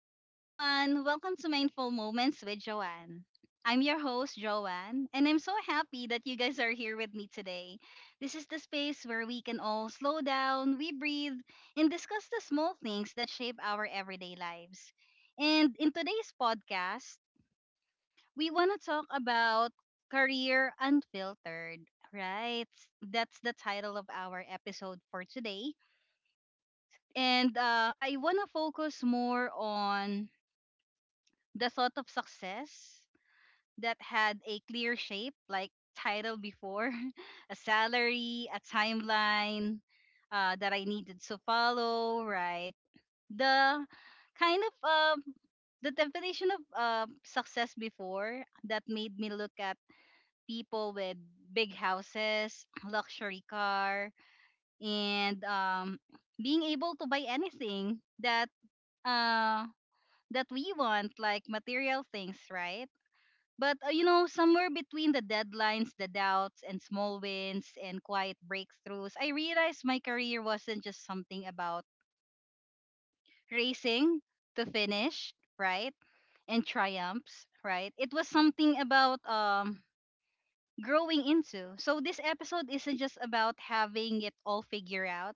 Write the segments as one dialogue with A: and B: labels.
A: Hi everyone, welcome to Mindful Moments with Joanne. I'm your host, Joanne, and I'm so happy that you guys are here with me today. This is the space where we can all slow down, we breathe, and discuss the small things that shape our everyday lives. And in today's podcast, we want to talk about career unfiltered, right? That's the title of our episode for today. And I want to focus more on the sort of success that had a clear shape, like title before, a salary, a timeline that I needed to follow, right? The kind of the definition of success before that made me look at people with big houses, luxury car, and being able to buy anything that uh, that we want, like material things, right? But somewhere between the deadlines, the doubts, and small wins and quiet breakthroughs, I realized my career wasn't just something about racing to finish, right? And triumphs, right? It was something about growing into. So this episode isn't just about having it all figured out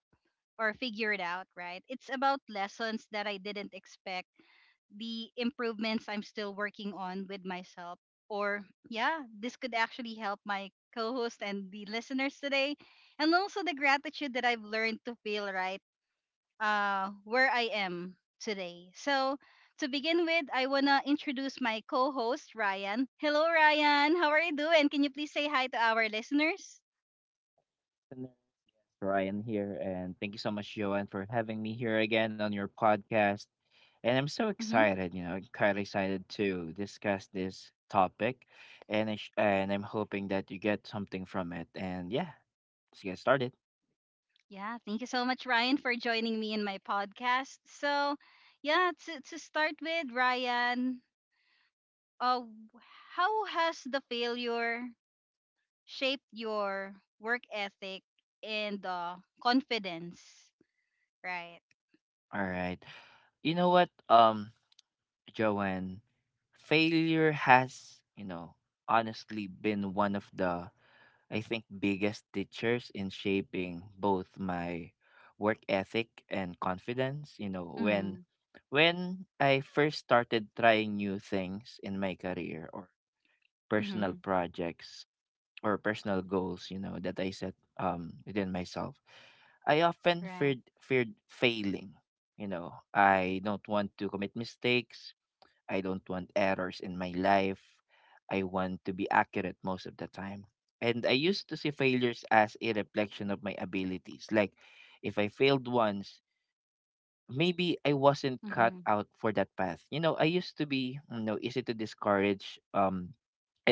A: or figured out, right? It's about lessons that I didn't expect, the improvements I'm still working on with myself. Or, yeah, this could actually help my co host and the listeners today. And also the gratitude that I've learned to feel right where I am today. So, to begin with, I want to introduce my co host, Ryan. Hello, Ryan. How are you doing? Can you please say hi to our listeners?
B: Listeners. Yes, Ryan here, and thank you so much, Joanne, for having me here again on your podcast. And I'm so
A: Mm-hmm.
B: excited, kind of excited to discuss this topic, and and I'm hoping that you get something from it. And yeah, let's get started.
A: Yeah, thank you so much, Ryan, for joining me in my podcast. So, yeah, to start with, Ryan, uh, how has the failure shaped your work ethic and confidence? Right.
B: All right, you know what, Joanne, failure has, honestly been one of the, I think, biggest teachers in shaping both my work ethic and confidence. You know, when
A: Mm-hmm.
B: when I first started trying new things in my career or personal
A: Mm-hmm.
B: projects or personal goals, you know, that I set within myself, I often
A: Right.
B: feared failing. You know, I don't want to commit mistakes. I don't want errors in my life. I want to be accurate most of the time. And I used to see failures as a reflection of my abilities. Like, if I failed once, maybe I wasn't cut
A: Mm-hmm.
B: out for that path. You know, I used to be, you know, easy to discourage, um,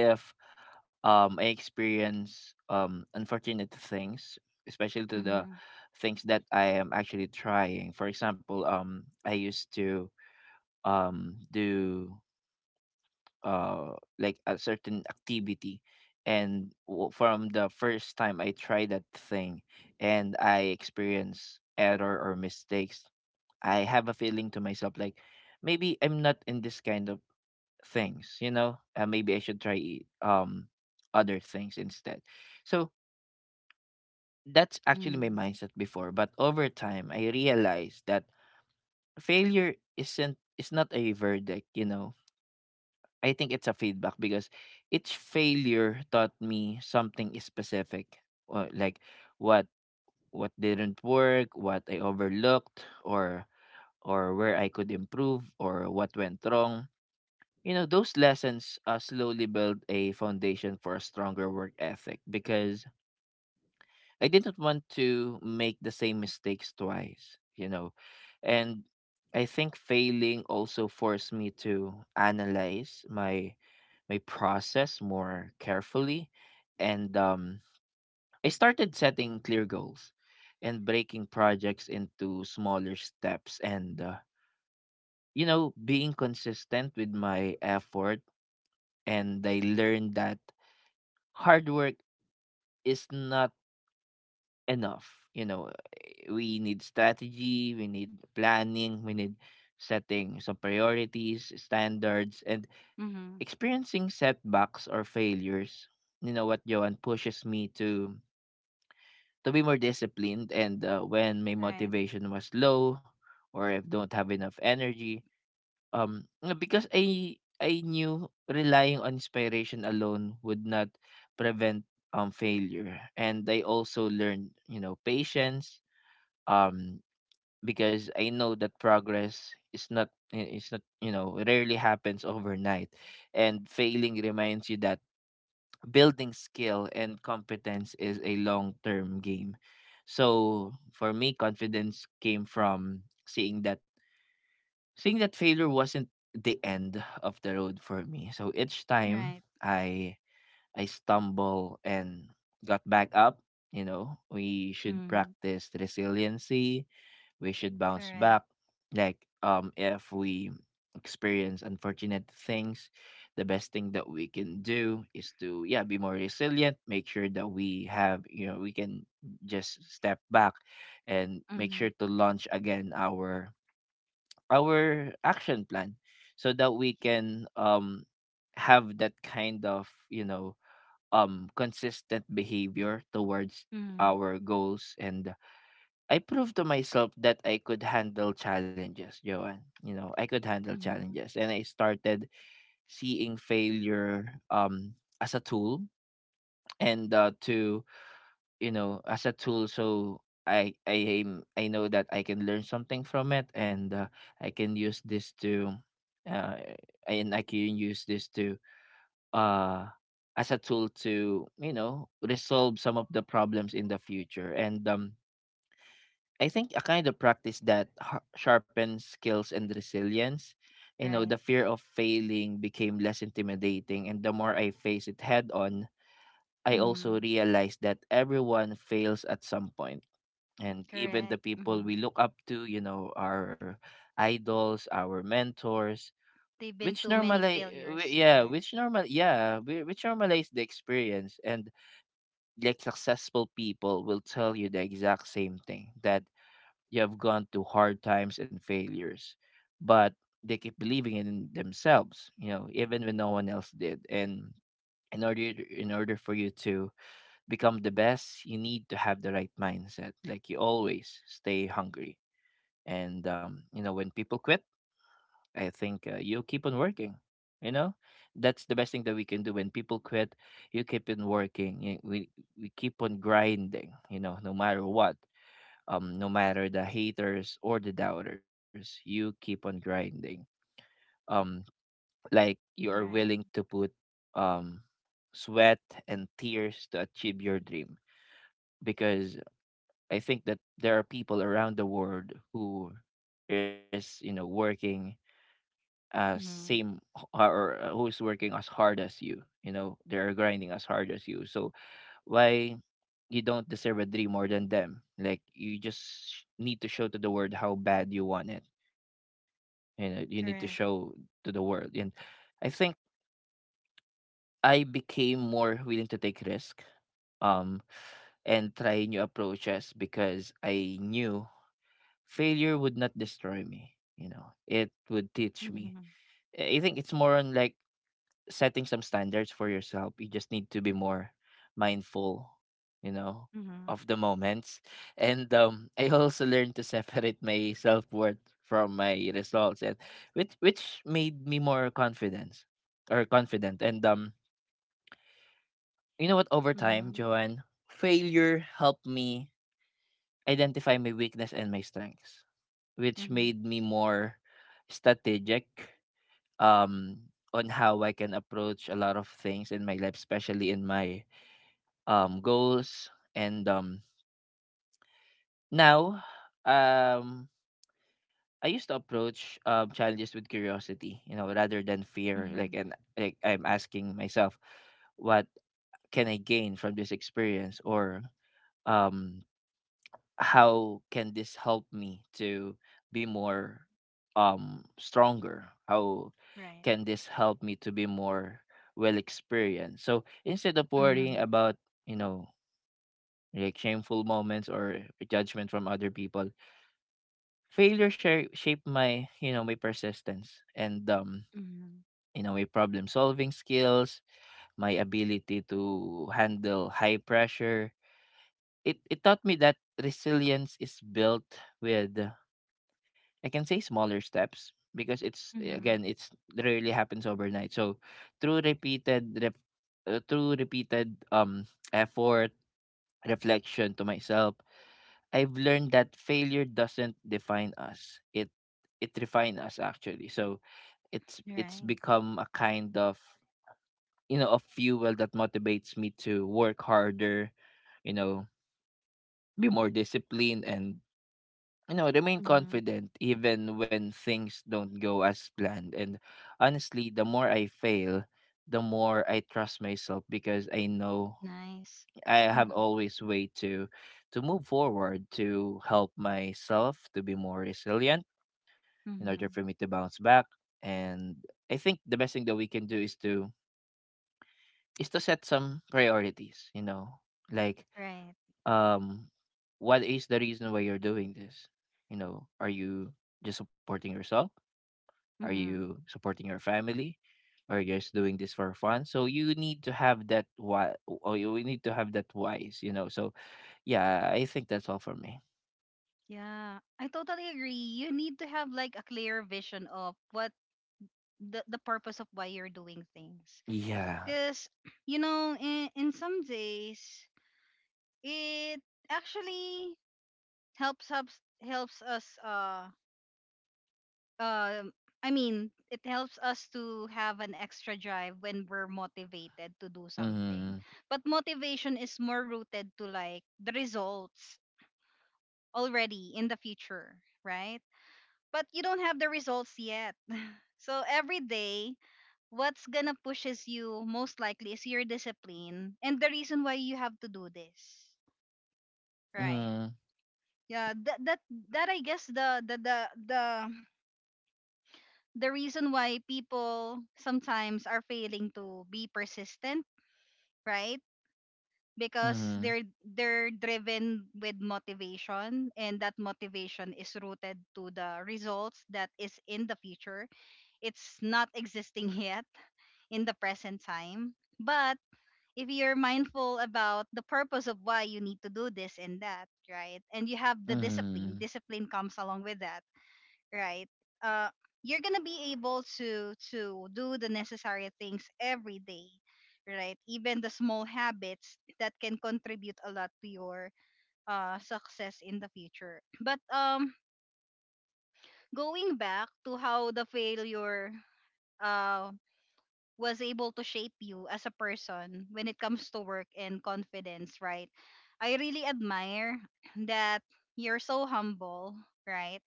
B: if um, I experience unfortunate things, especially to the
A: Mm-hmm.
B: things that I am actually trying. For example, I used to, do like a certain activity, and from the first time I tried that thing and I experience error or mistakes, I have a feeling to myself like maybe I'm not in this kind of things, maybe I should try, other things instead. So that's actually my
A: Mm-hmm.
B: mindset before, but over time I realized that failure isn't, it's not a verdict, you know. I think it's a feedback because each failure taught me something specific, like what what didn't work, what I overlooked, or where I could improve, or what went wrong. You know, those lessons slowly build a foundation for a stronger work ethic because I didn't want to make the same mistakes twice. And I think failing also forced me to analyze my process more carefully, and I started setting clear goals and breaking projects into smaller steps, and being consistent with my effort. And I learned that hard work is not enough. We need strategy, we need planning, we need setting some priorities, standards, and
A: Mm-hmm.
B: experiencing setbacks or failures, you know what, Johan pushes me to be more disciplined. And when my
A: Right.
B: motivation was low, or if don't have enough energy, because I knew relying on inspiration alone would not prevent failure. And I also learned, patience, um because I know that progress is not, it's not, rarely happens overnight, and failing reminds you that building skill and competence is a long term game. So for me, confidence came from seeing that failure wasn't the end of the road for me. So each time
A: Right.
B: I I stumble and got back up, you know, we should
A: Mm-hmm.
B: practice resiliency, we should bounce
A: Correct.
B: back. Like, if we experience unfortunate things, the best thing that we can do is to, yeah, be more resilient, make sure that we have, you know, we can just step back and make
A: Mm-hmm.
B: sure to launch again our action plan, so that we can have that kind of, you know, consistent behavior towards
A: Mm-hmm.
B: our goals. And I proved to myself that I could handle challenges, Joanne. You know, I could handle
A: Mm-hmm.
B: challenges. And I started seeing failure as a tool and, to you know, as a tool, so I know that I can learn something from it, and I can use this to uh and I can use this to uh as a tool to, you know, resolve some of the problems in the future. And I think a kind of practice that sharpens skills and resilience. You know,
A: Right.
B: the fear of failing became less intimidating, and the more I face it head on, I
A: Mm-hmm.
B: also realized that everyone fails at some point. And even
A: Correct.
B: the people
A: Mm-hmm.
B: we look up to, you know, our idols, our mentors,
A: They've been
B: which
A: too many
B: normalize,
A: failures.
B: yeah,
A: Right.
B: which normal, yeah, whi- which normalize the experience. And like successful people will tell you the exact same thing, that you have gone through hard times and failures, but they keep believing in themselves, you know, even when no one else did. And in order in order for you to become the best, you need to have the right mindset. Like, you always stay hungry. And, you know, when people quit, I think, you keep on working. You know, that's the best thing that we can do. When people quit, you keep on working. You, we keep on grinding. You know, no matter the haters or the doubters, you keep on grinding, um like you are willing
A: Right.
B: to put, um sweat and tears to achieve your dream, because I think that there are people around the world who is, you know, working,
A: Mm-hmm.
B: same h- or who's working as hard as you. You know, they're grinding as hard as you, so why you don't deserve a dream more than them. Like, you just need to show to the world how bad you want it. You know, you need to show
A: Correct.
B: to the world. And I think I became more willing to take risk, um and try new approaches because I knew failure would not destroy me. You know, it would teach me.
A: Mm-hmm.
B: I think it's more on like setting some standards for yourself. You just need to be more mindful, you know,
A: Mm-hmm.
B: of the moments. And, I also learned to separate my self worth from my results, and which made me more confident. And, you know what? Over
A: Mm-hmm.
B: time, Joanne, failure helped me identify my weakness and my strengths, which
A: Mm-hmm.
B: made me more strategic. Um, on how I can approach a lot of things in my life, especially in my, goals. And, now, um, I used to approach, challenges with curiosity, you know, rather than fear. Like,
A: Mm-hmm.
B: and like I'm asking myself, what can I gain from this experience, or, um, how can this help me to be more, stronger? How
A: Right.
B: can this help me to be more well experienced? So instead of
A: Mm-hmm.
B: worrying about, you know, like shameful moments or judgment from other people, failure shaped my persistence, and
A: Mhm.
B: you know, my problem solving skills, my ability to handle high pressure. It taught me that resilience is built with, I can say, smaller steps, because it's,
A: Mhm.
B: again, it's it rarely happens overnight. So through repeated rep, through repeated effort, reflection to myself, I've learned that failure doesn't define us. It refines us actually. So it's
A: Right.
B: become a kind of, you know, of fuel that motivates me to work harder, you know, be more disciplined, and, you know, remain
A: Mhm.
B: confident even when things don't go as planned. And honestly, the more I fail, the more I trust myself, because I know
A: Nice.
B: I have
A: Mhm.
B: always way to move forward, to help myself to be more resilient in order
A: Mhm.
B: for me to bounce back. And I think the best thing that we can do is to set some priorities, you know. Like,
A: Right.
B: um what is the reason why you're doing this? You know, are you just supporting yourself? Are
A: Mhm.
B: you supporting your family? Or you're just doing this for fun? So you need to have that why, or you need to have that wise, you know. So yeah, I think that's all for me.
A: Yeah, I totally agree. You need to have like a clear vision of what the purpose of why you're doing things.
B: Yeah.
A: Cuz you know, in some days it actually helps us um I mean, it helps us to have an extra drive when we're motivated to do something.
B: Mm.
A: But motivation is more rooted to like the results already in the future, right? But you don't have the results yet. So every day, what's gonna pushes you most likely is your discipline and the reason why you have to do this, right?
B: Mm.
A: Yeah, that I guess the reason why people sometimes are failing to be persistent, right? Because
B: Mm.
A: they're driven with motivation and that motivation is rooted to the results that is in the future. It's not existing yet in the present time. But if you're mindful about the purpose of why you need to do this and that, right? And you have the discipline,
B: Mm.
A: discipline comes along with that, right. uh you're gonna be able to do the necessary things every day, right? Even the small habits that can contribute a lot to your success in the future. But Going back to how the failure uh was able to shape you as a person when it comes to work and confidence, right? I really admire that you're so humble, right?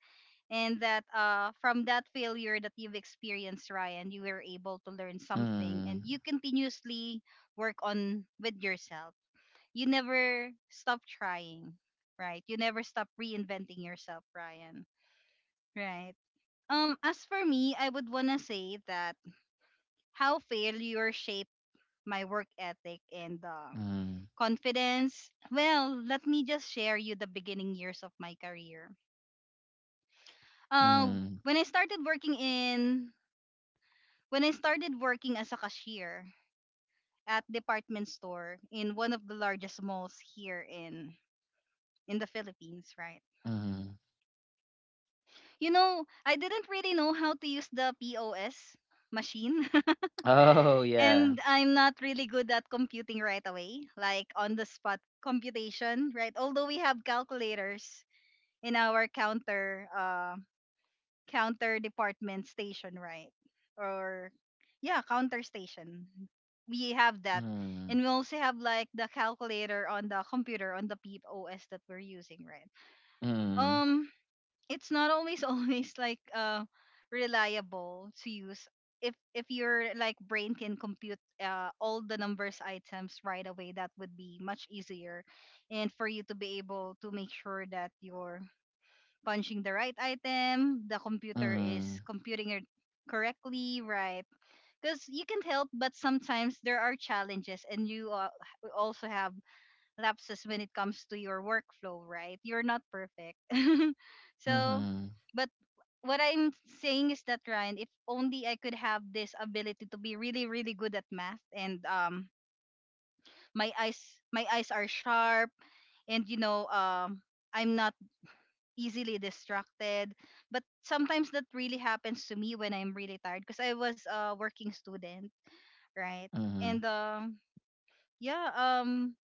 A: And that from that failure that you've experienced, Ryan, you were able to learn something
B: Mm.
A: and you continuously work on with yourself. You never stop trying, right? You never stop reinventing yourself, Ryan, right? As for me, I would want to say that how failure shaped my work ethic and
B: Mm.
A: confidence, well, let me just share you the beginning years of my career. uh,
B: Mm.
A: when I started working in When I started working as a cashier at department store in one of the largest malls here in the Philippines, right?
B: Mm.
A: You know, I didn't really know how to use the POS machine.
B: Oh yeah.
A: And I'm not really good at computing right away, like on the spot computation, right? Although we have calculators in our counter counter department station, right? Or yeah, counter station. We have that.
B: Mm.
A: And we also have like the calculator on the computer on the POS that we're using, right?
B: Mm.
A: Um it's not always always like reliable to use. If your like brain can compute all the numbers items right away, that would be much easier, and for you to be able to make sure that your punching the right item, the computer is
B: Mm.
A: computing it correctly, right? Because you can help, but sometimes there are challenges, and you also have lapses when it comes to your workflow, right? You're not perfect. So,
B: Mm.
A: but what I'm saying is that Ryan, if only I could have this ability to be really, really good at math, and my eyes, my eyes are sharp, and you know, I'm not easily distracted. But sometimes that really happens to me when I'm really tired because I was a working student, right?
B: Mm.
A: And um yeah, um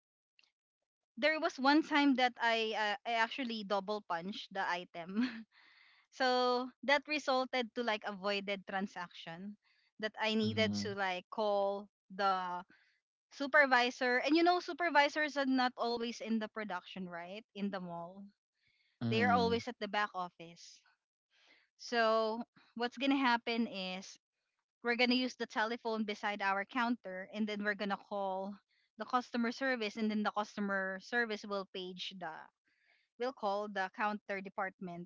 A: there was one time that I actually double punched the item. So that resulted to like avoided transaction that I needed
B: Mm.
A: to like call the supervisor, and you know supervisors are not always in the production, right, in the mall. They are
B: Mm.
A: always at the back office. So what's gonna happen is we're gonna use the telephone beside our counter, and then we're gonna call the customer service, and then the customer service will page the will call the counter department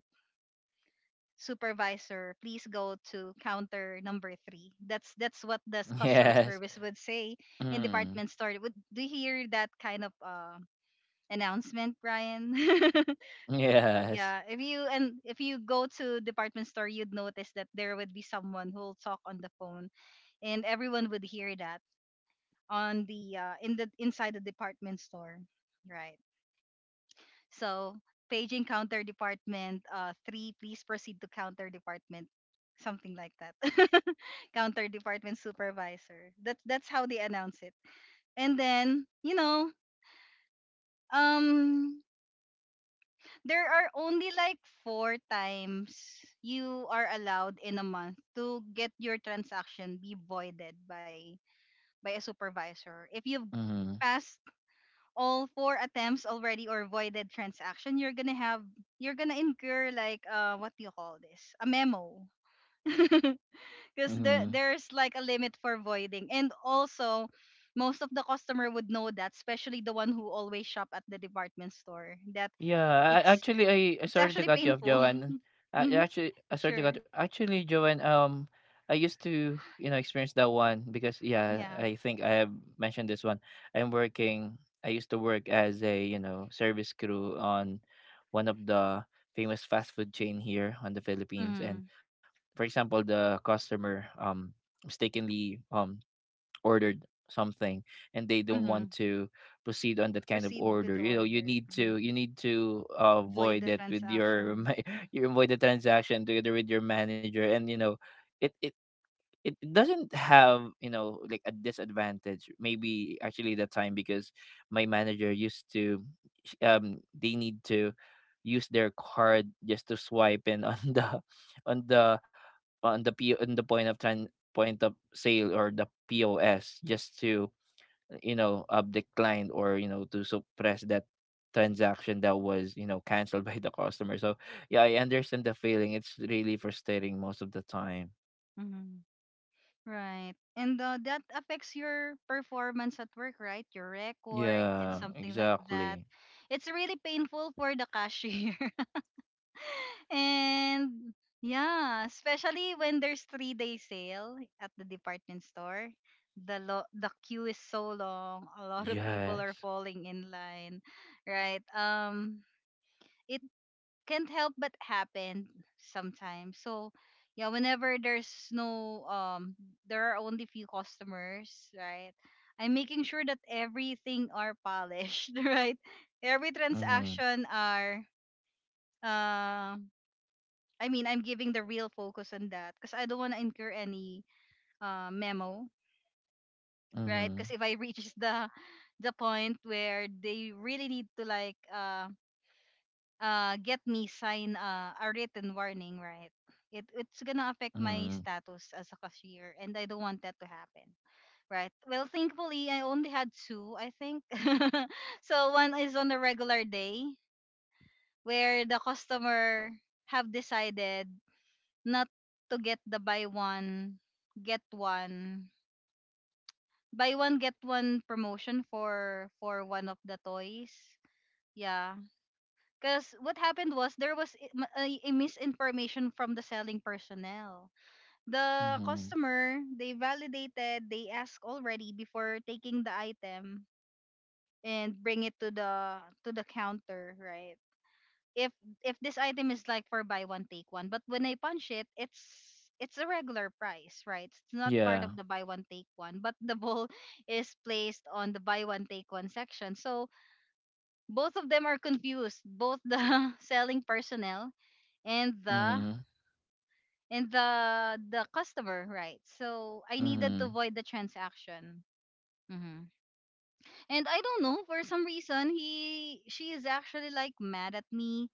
A: supervisor. Please go to counter number three. That's what the customer
B: Yes.
A: service would say in
B: Mm.
A: department store. Would do you hear that kind of announcement, Brian?
B: Yes.
A: Yeah, if you, and if you go to department store, you'd notice that there would be someone who'll talk on the phone, and everyone would hear that on the in the inside the department store, right? So paging counter department, three, please proceed to counter department, something like that. Counter department supervisor. That's how they announce it. And then you know, um, there are only like 4 times you are allowed in a month to get your transaction be voided by a supervisor. If you've
B: Mm.
A: passed all 4 attempts already or voided transaction, you're gonna have you're gonna incur like what do you call this? A memo. Because
B: Mm.
A: there's like a limit for voiding. And also most of the customer would know that, especially the one who always shop at the department store, that
B: Yeah, I
A: it's
B: actually,
A: it,
B: I
A: it's
B: sorry to
A: actually
B: cut you off,
A: painful.
B: Joanne. I
A: Mm-hmm.
B: actually, I sorry to
A: Sure.
B: cut. Actually, Joanne, I used to, experience that one because yeah,
A: Yeah.
B: I think I have mentioned this one. I'm working. I used to work as a, service crew on one of the famous fast food chain here on the Philippines, and
A: Mm-hmm.
B: for example, the customer, mistakenly, ordered something and they don't want
A: Mm-hmm.
B: to proceed on that kind of
A: Proceed with
B: order.
A: the
B: You know, you
A: order.
B: need
A: Mhm.
B: to you need to uh,
A: Void
B: avoid
A: the
B: that with your
A: transaction.
B: ma- you avoid the transaction together with your manager, and you know it it it doesn't have, you know, like a disadvantage, maybe actually the time, because my manager used to, they need to use their card just to swipe in on the on the on the point of sale, or the POS, just to, decline, or, you know, to suppress that transaction that was, you know, canceled by the customer. So yeah, I understand the feeling. It's really frustrating most of the time.
A: Mm-hmm. Right. And that affects your performance at work, right? Your record and
B: Yeah,
A: something like that.
B: exactly.
A: It's really painful for the cashier. And yeah, especially when there's 3 day sale at the department store. The queue is so long. A lot of people are
B: Yes.
A: falling in line, right? It can't help but happen sometimes. So yeah, whenever there's no there are only few customers, right? I'm making sure that everything are polished, right? Every
B: Mm-hmm.
A: transaction are uh, I'm giving the real focus on that because I don't want to incur any memo, right?
B: Mm-hmm.
A: Because if I reach the point where they really need to like get me sign a written warning, right? It it's gonna affect my
B: Mm-hmm.
A: status as a cashier, and I don't want that to happen, right? Well, thankfully, I only had two, I think. So one is on a regular day where the customer have decided not to get the get one buy one get one promotion for one of the toys. Yeah, because what happened was there was a misinformation from the selling personnel. The
B: Mm-hmm.
A: customer, they validated, they asked already before taking the item and bring it to the counter, right? If this item is like for buy one take one, but when I punch it, it's a regular price, right? It's not part
B: Yeah.
A: of the buy one take one, but the ball is placed on the buy one take one section. So both of them are confused, both the selling personnel and the
B: Mm-hmm.
A: and the customer, right? So I needed
B: Mm-hmm.
A: to void the transaction. hmm and I don't know, for some reason he, she is actually like mad at me,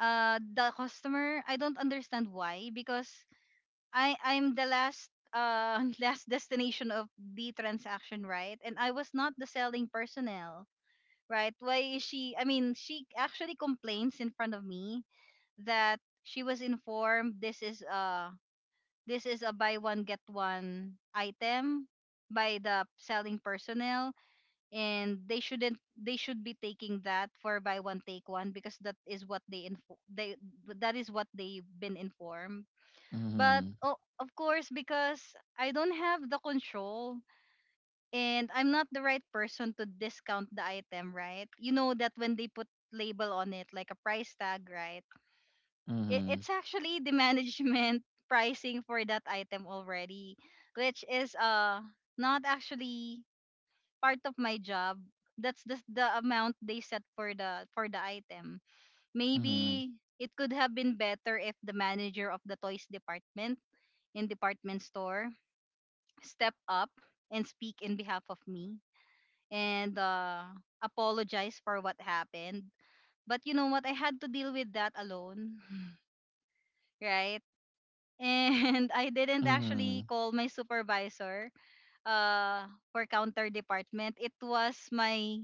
A: the customer. I don't understand why, because I'm the last last destination of the transaction, right? And I was not the selling personnel, right? Why is she, I mean, she actually complains in front of me that she was informed this is a buy one get one item by the selling personnel. And they shouldn't they should be taking that for buy one take one, because that is what they info they that is what they've been informed. But oh, of course, because I don't have the control, and I'm not the right person to discount the item, right? You know that when they put label on it like a price tag, right? it,
B: Mm-hmm.
A: it's actually the management pricing for that item already, which is not actually part of my job. That's the amount they set for the item.
B: Mm-hmm.
A: Maybe it could have been better if the manager of the toys department in department store step up and speak in behalf of me and apologize for what happened. But you know what? I had to deal with that alone. Right?
B: Mm-hmm.
A: And I
B: Mm-hmm.
A: didn't actually call my supervisor for counter department. It was my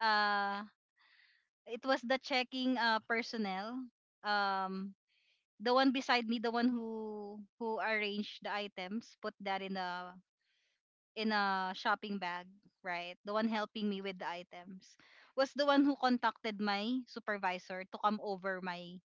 A: uh it was the checking personnel. Um the one beside me, the one who arranged the items, put that in a shopping bag, right? The one helping me with the items was the one who contacted my supervisor to come over my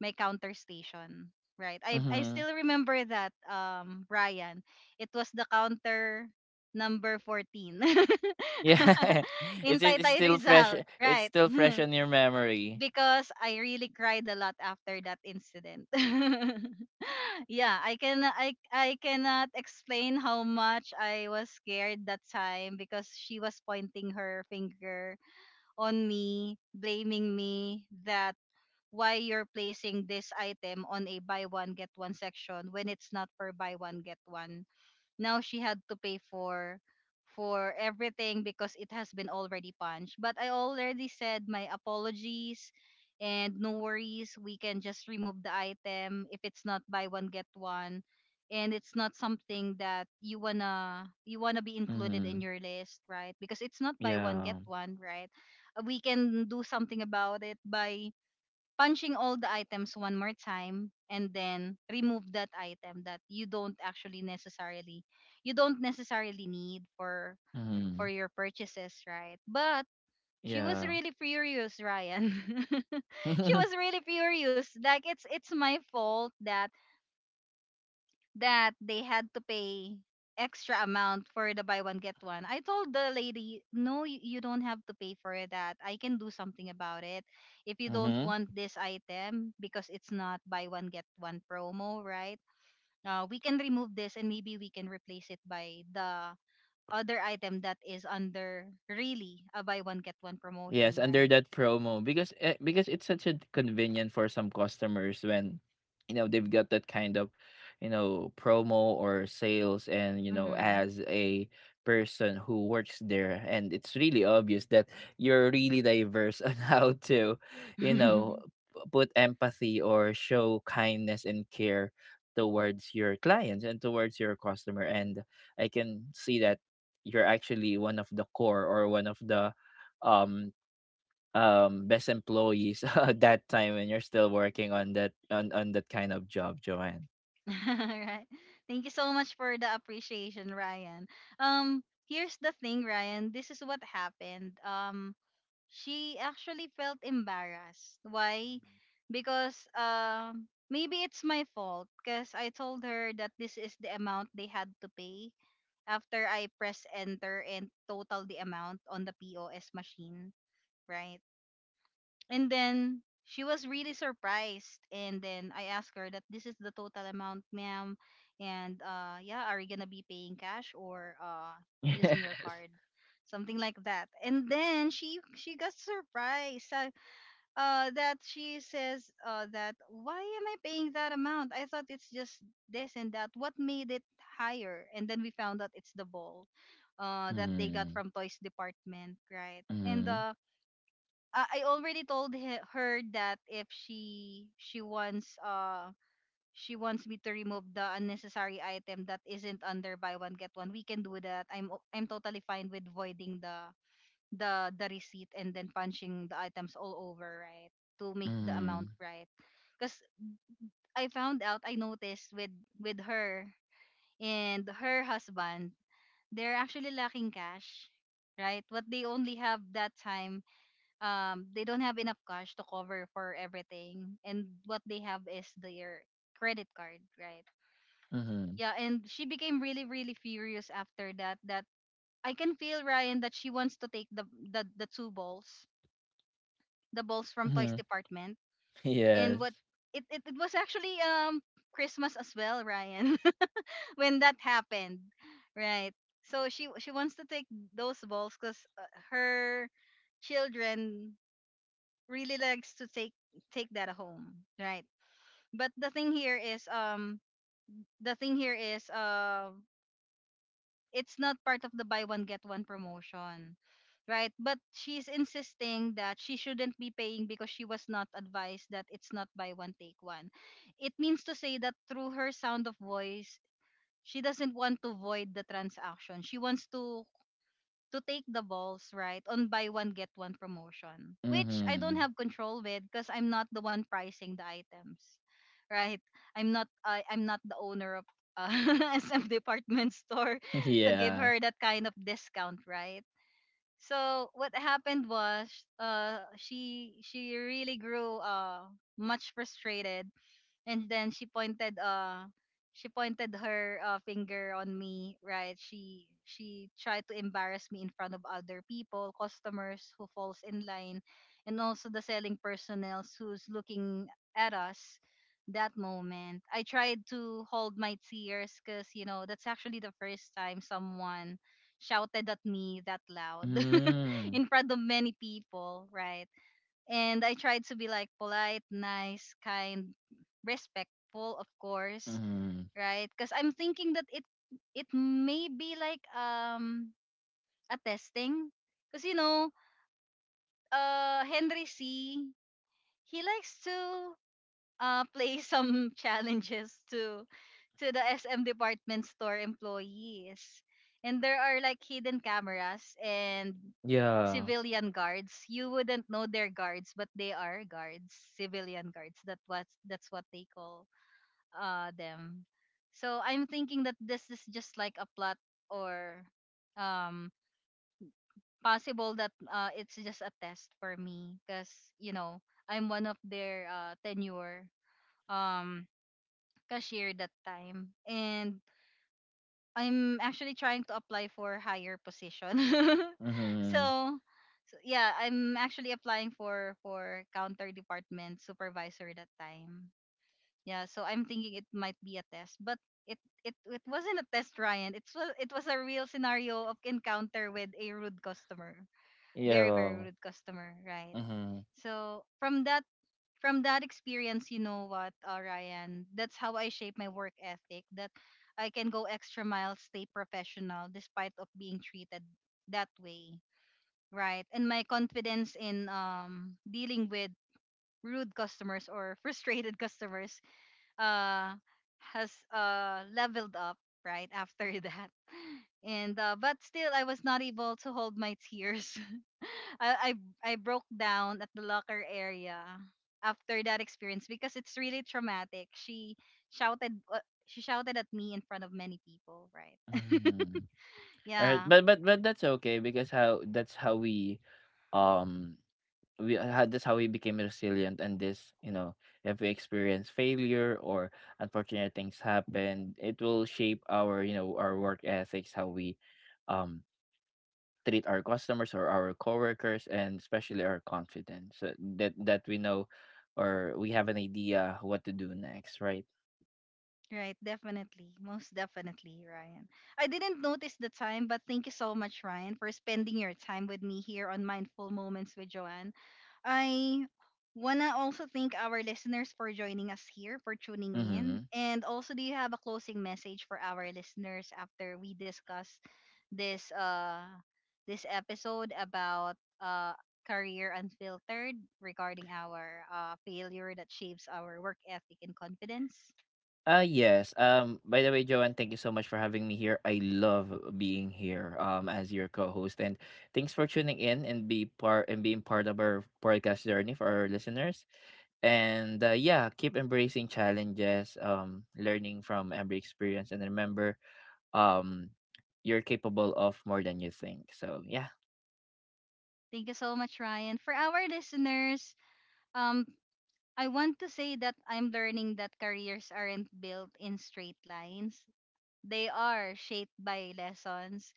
A: my counter station, right? I
B: Mm-hmm.
A: still remember that Ryan, it was the counter number 14
B: Yeah. It's
A: in
B: it's it's
A: Taytay
B: still fresh
A: Rizal,
B: it's
A: right?
B: still fresh in your memory.
A: Because I really cried a lot after that incident. Yeah, I can, I cannot explain how much I was scared that time, because she was pointing her finger on me, blaming me that why you're placing this item on a buy one get one section when it's not for buy one get one. Now she had to pay for everything because it has been already punched. But I already said my apologies, and no worries, we can just remove the item if it's not buy one get one, and it's not something that you wanna be included in
B: Mhm.
A: your list, right? Because it's not buy one get
B: Yeah.
A: one, right? We can do something about it by punching all the items one more time and then remove that item that you don't necessarily need for
B: Mhm.
A: your purchases, right? But she was
B: Yeah.
A: really furious, Ryan. She was really furious, like it's my fault that that they had to pay extra amount for the buy one get one. I told the lady, "No, you don't have to pay for that. I can do something about it. If you don't
B: Mhm.
A: want this item because it's not buy one get one promo, right? We can remove this, and maybe we can replace it by the other item that is under really a buy one get one promotion,
B: Yes, under
A: right?"
B: that promo, because, because it's such a, convenient for some customers, when, they've got that kind of, promo or sales, and,
A: Mhm.
B: as a person who works there, and it's really obvious that you're really diverse on how to, you know put empathy or show kindness and care towards your clients and towards your customer. And I can see that you're actually one of the core, or one of the, um best employees at that time, when you're still working on that, on that kind of job, Joanne?
A: Right. Thank you so much for the appreciation, Ryan. Um, here's the thing, Ryan. This is what happened. She actually felt embarrassed. Why? Because maybe it's my fault. Because I told her that this is the amount they had to pay after I press enter and total the amount on the POS machine. Right. And then she was really surprised. And then I asked her that this is the total amount, ma'am. And yeah, are you gonna be paying cash or using your
B: Yes.
A: card? Something like that. And then she got surprised that she says that why am I paying that amount? I thought it's just this and that. What made it higher? And then we found out it's the ball that they got
B: Mm.
A: from toys department, right? And
B: Mhm.
A: I already told her that if she wants she wants me to remove the unnecessary item that isn't under buy one get one, we can do that. I'm totally fine with voiding the the receipt and then punching the items all over, right? To make the amount
B: Mhm.
A: right. Cuz I found out, I noticed with her and her husband, they're actually lacking cash, right? What they only have that time, um, they don't have enough cash to cover for everything, and what they have is their credit card, right?
B: Mhm.
A: Yeah, and she became really really furious after that, that I can feel, Ryan, that she wants to take the two balls, the balls from toys
B: Mhm.
A: department. And what,
B: Yes.
A: it was actually Christmas as well, Ryan, when that happened, right? So she wants to take those balls because her children really likes to take take that home, right? But the thing here is it's not part of the buy one get one promotion. Right, but she's insisting that she shouldn't be paying because she was not advised that it's not buy one take one. It means to say that through her sound of voice, she doesn't want to void the transaction. She wants to take the balls right on buy one get one promotion, which I don't
B: Mhm.
A: have control with because I'm not the one pricing the items, right? I, I'm not the owner of uh, SM department store to give
B: Yeah.
A: her that kind of discount, right? So what happened was uh, she really grew much frustrated. And then she pointed her finger on me, right? She tried to embarrass me in front of other people, customers who falls in line, and also the selling personnel who's looking at us. That moment I tried to hold my tears because you know that's actually the first time someone shouted at me that loud
B: Mm.
A: in front of many people, right? And I tried to be like polite, nice, kind, respectful, of course,
B: Mhm.
A: right? Because I'm thinking that it may be like a testing, because you know, Henry C. He likes to play some challenges to the SM department store employees. And there are like hidden cameras and
B: Yeah.
A: civilian guards. You wouldn't know they're guards, but they are guards, civilian guards. That's what they call them. So I'm thinking that this is just like a plot or um possible that it's just a test for me, because you know, I'm one of their tenure um cashier that time, and I'm actually trying to apply for higher position.
B: Mhm.
A: So, so yeah, I'm actually applying for counter department supervisor that time. Yeah, so I'm thinking it might be a test, but it wasn't a test, Ryan. It was a real scenario of encounter with a rude customer. Very very
B: Yeah.
A: rude customer, right?
B: Mhm.
A: So, from that experience, you know what, Ryan, that's how I shape my work ethic. That I can go extra mile, stay professional despite of being treated that way, right? And my confidence in dealing with rude customers or frustrated customers uh has leveled up right after that. And but still I was not able to hold my tears. I, I broke down at the locker area after that experience because it's really traumatic. Shouted uh, she shouted at me in front of many people, right?
B: Mhm. All right,
A: Yeah,
B: but but that's okay because how um that's how we became resilient. And this, you know, if we experience failure or unfortunate things happen, it will shape our, you know, our work ethics, how we, um treat our customers or our coworkers, and especially our confidence, so that we know, or we have an idea what to do next, right?
A: right. Definitely, most definitely, Ryan. I didn't notice the time, but thank you so much, Ryan, for spending your time with me here on Mindful Moments with Joanne. I wanna also thank our listeners for joining us here, for tuning in.
B: Mm-hmm.
A: And also, do you have a closing message for our listeners after we discuss this this episode about uh Career Unfiltered regarding our failure that shapes our work ethic and confidence?
B: Yes. By the way, Joanne, thank you so much for having me here. I love being here, as your co-host, and thanks for tuning in, and be part and being part of our podcast journey for our listeners. And, yeah, keep embracing challenges, learning from every experience, and remember, um you're capable of more than you think. So yeah.
A: Thank you so much, Ryan. For our listeners, um, I want to say that I'm learning that careers aren't built in straight lines. They are shaped by lessons,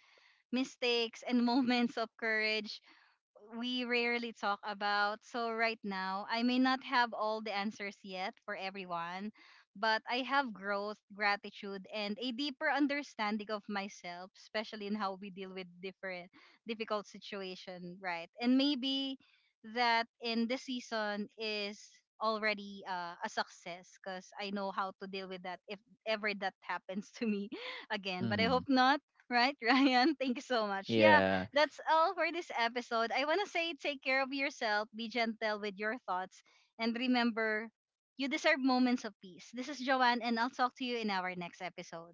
A: mistakes, and moments of courage we rarely talk about. So right now, I may not have all the answers yet for everyone, but I have growth, gratitude, and a deeper understanding of myself, especially in how we deal with different difficult situation, right? And maybe that in this season is already a success because I know how to deal with that if ever that happens to me again. But I
B: Mm-hmm.
A: hope not, right, Ryan? Thank you so much. Yeah,
B: Yeah.
A: that's all for this episode. I want to say take care of yourself, be gentle with your thoughts, and remember you deserve moments of peace. This is Joanne, and I'll talk to you in our next episode.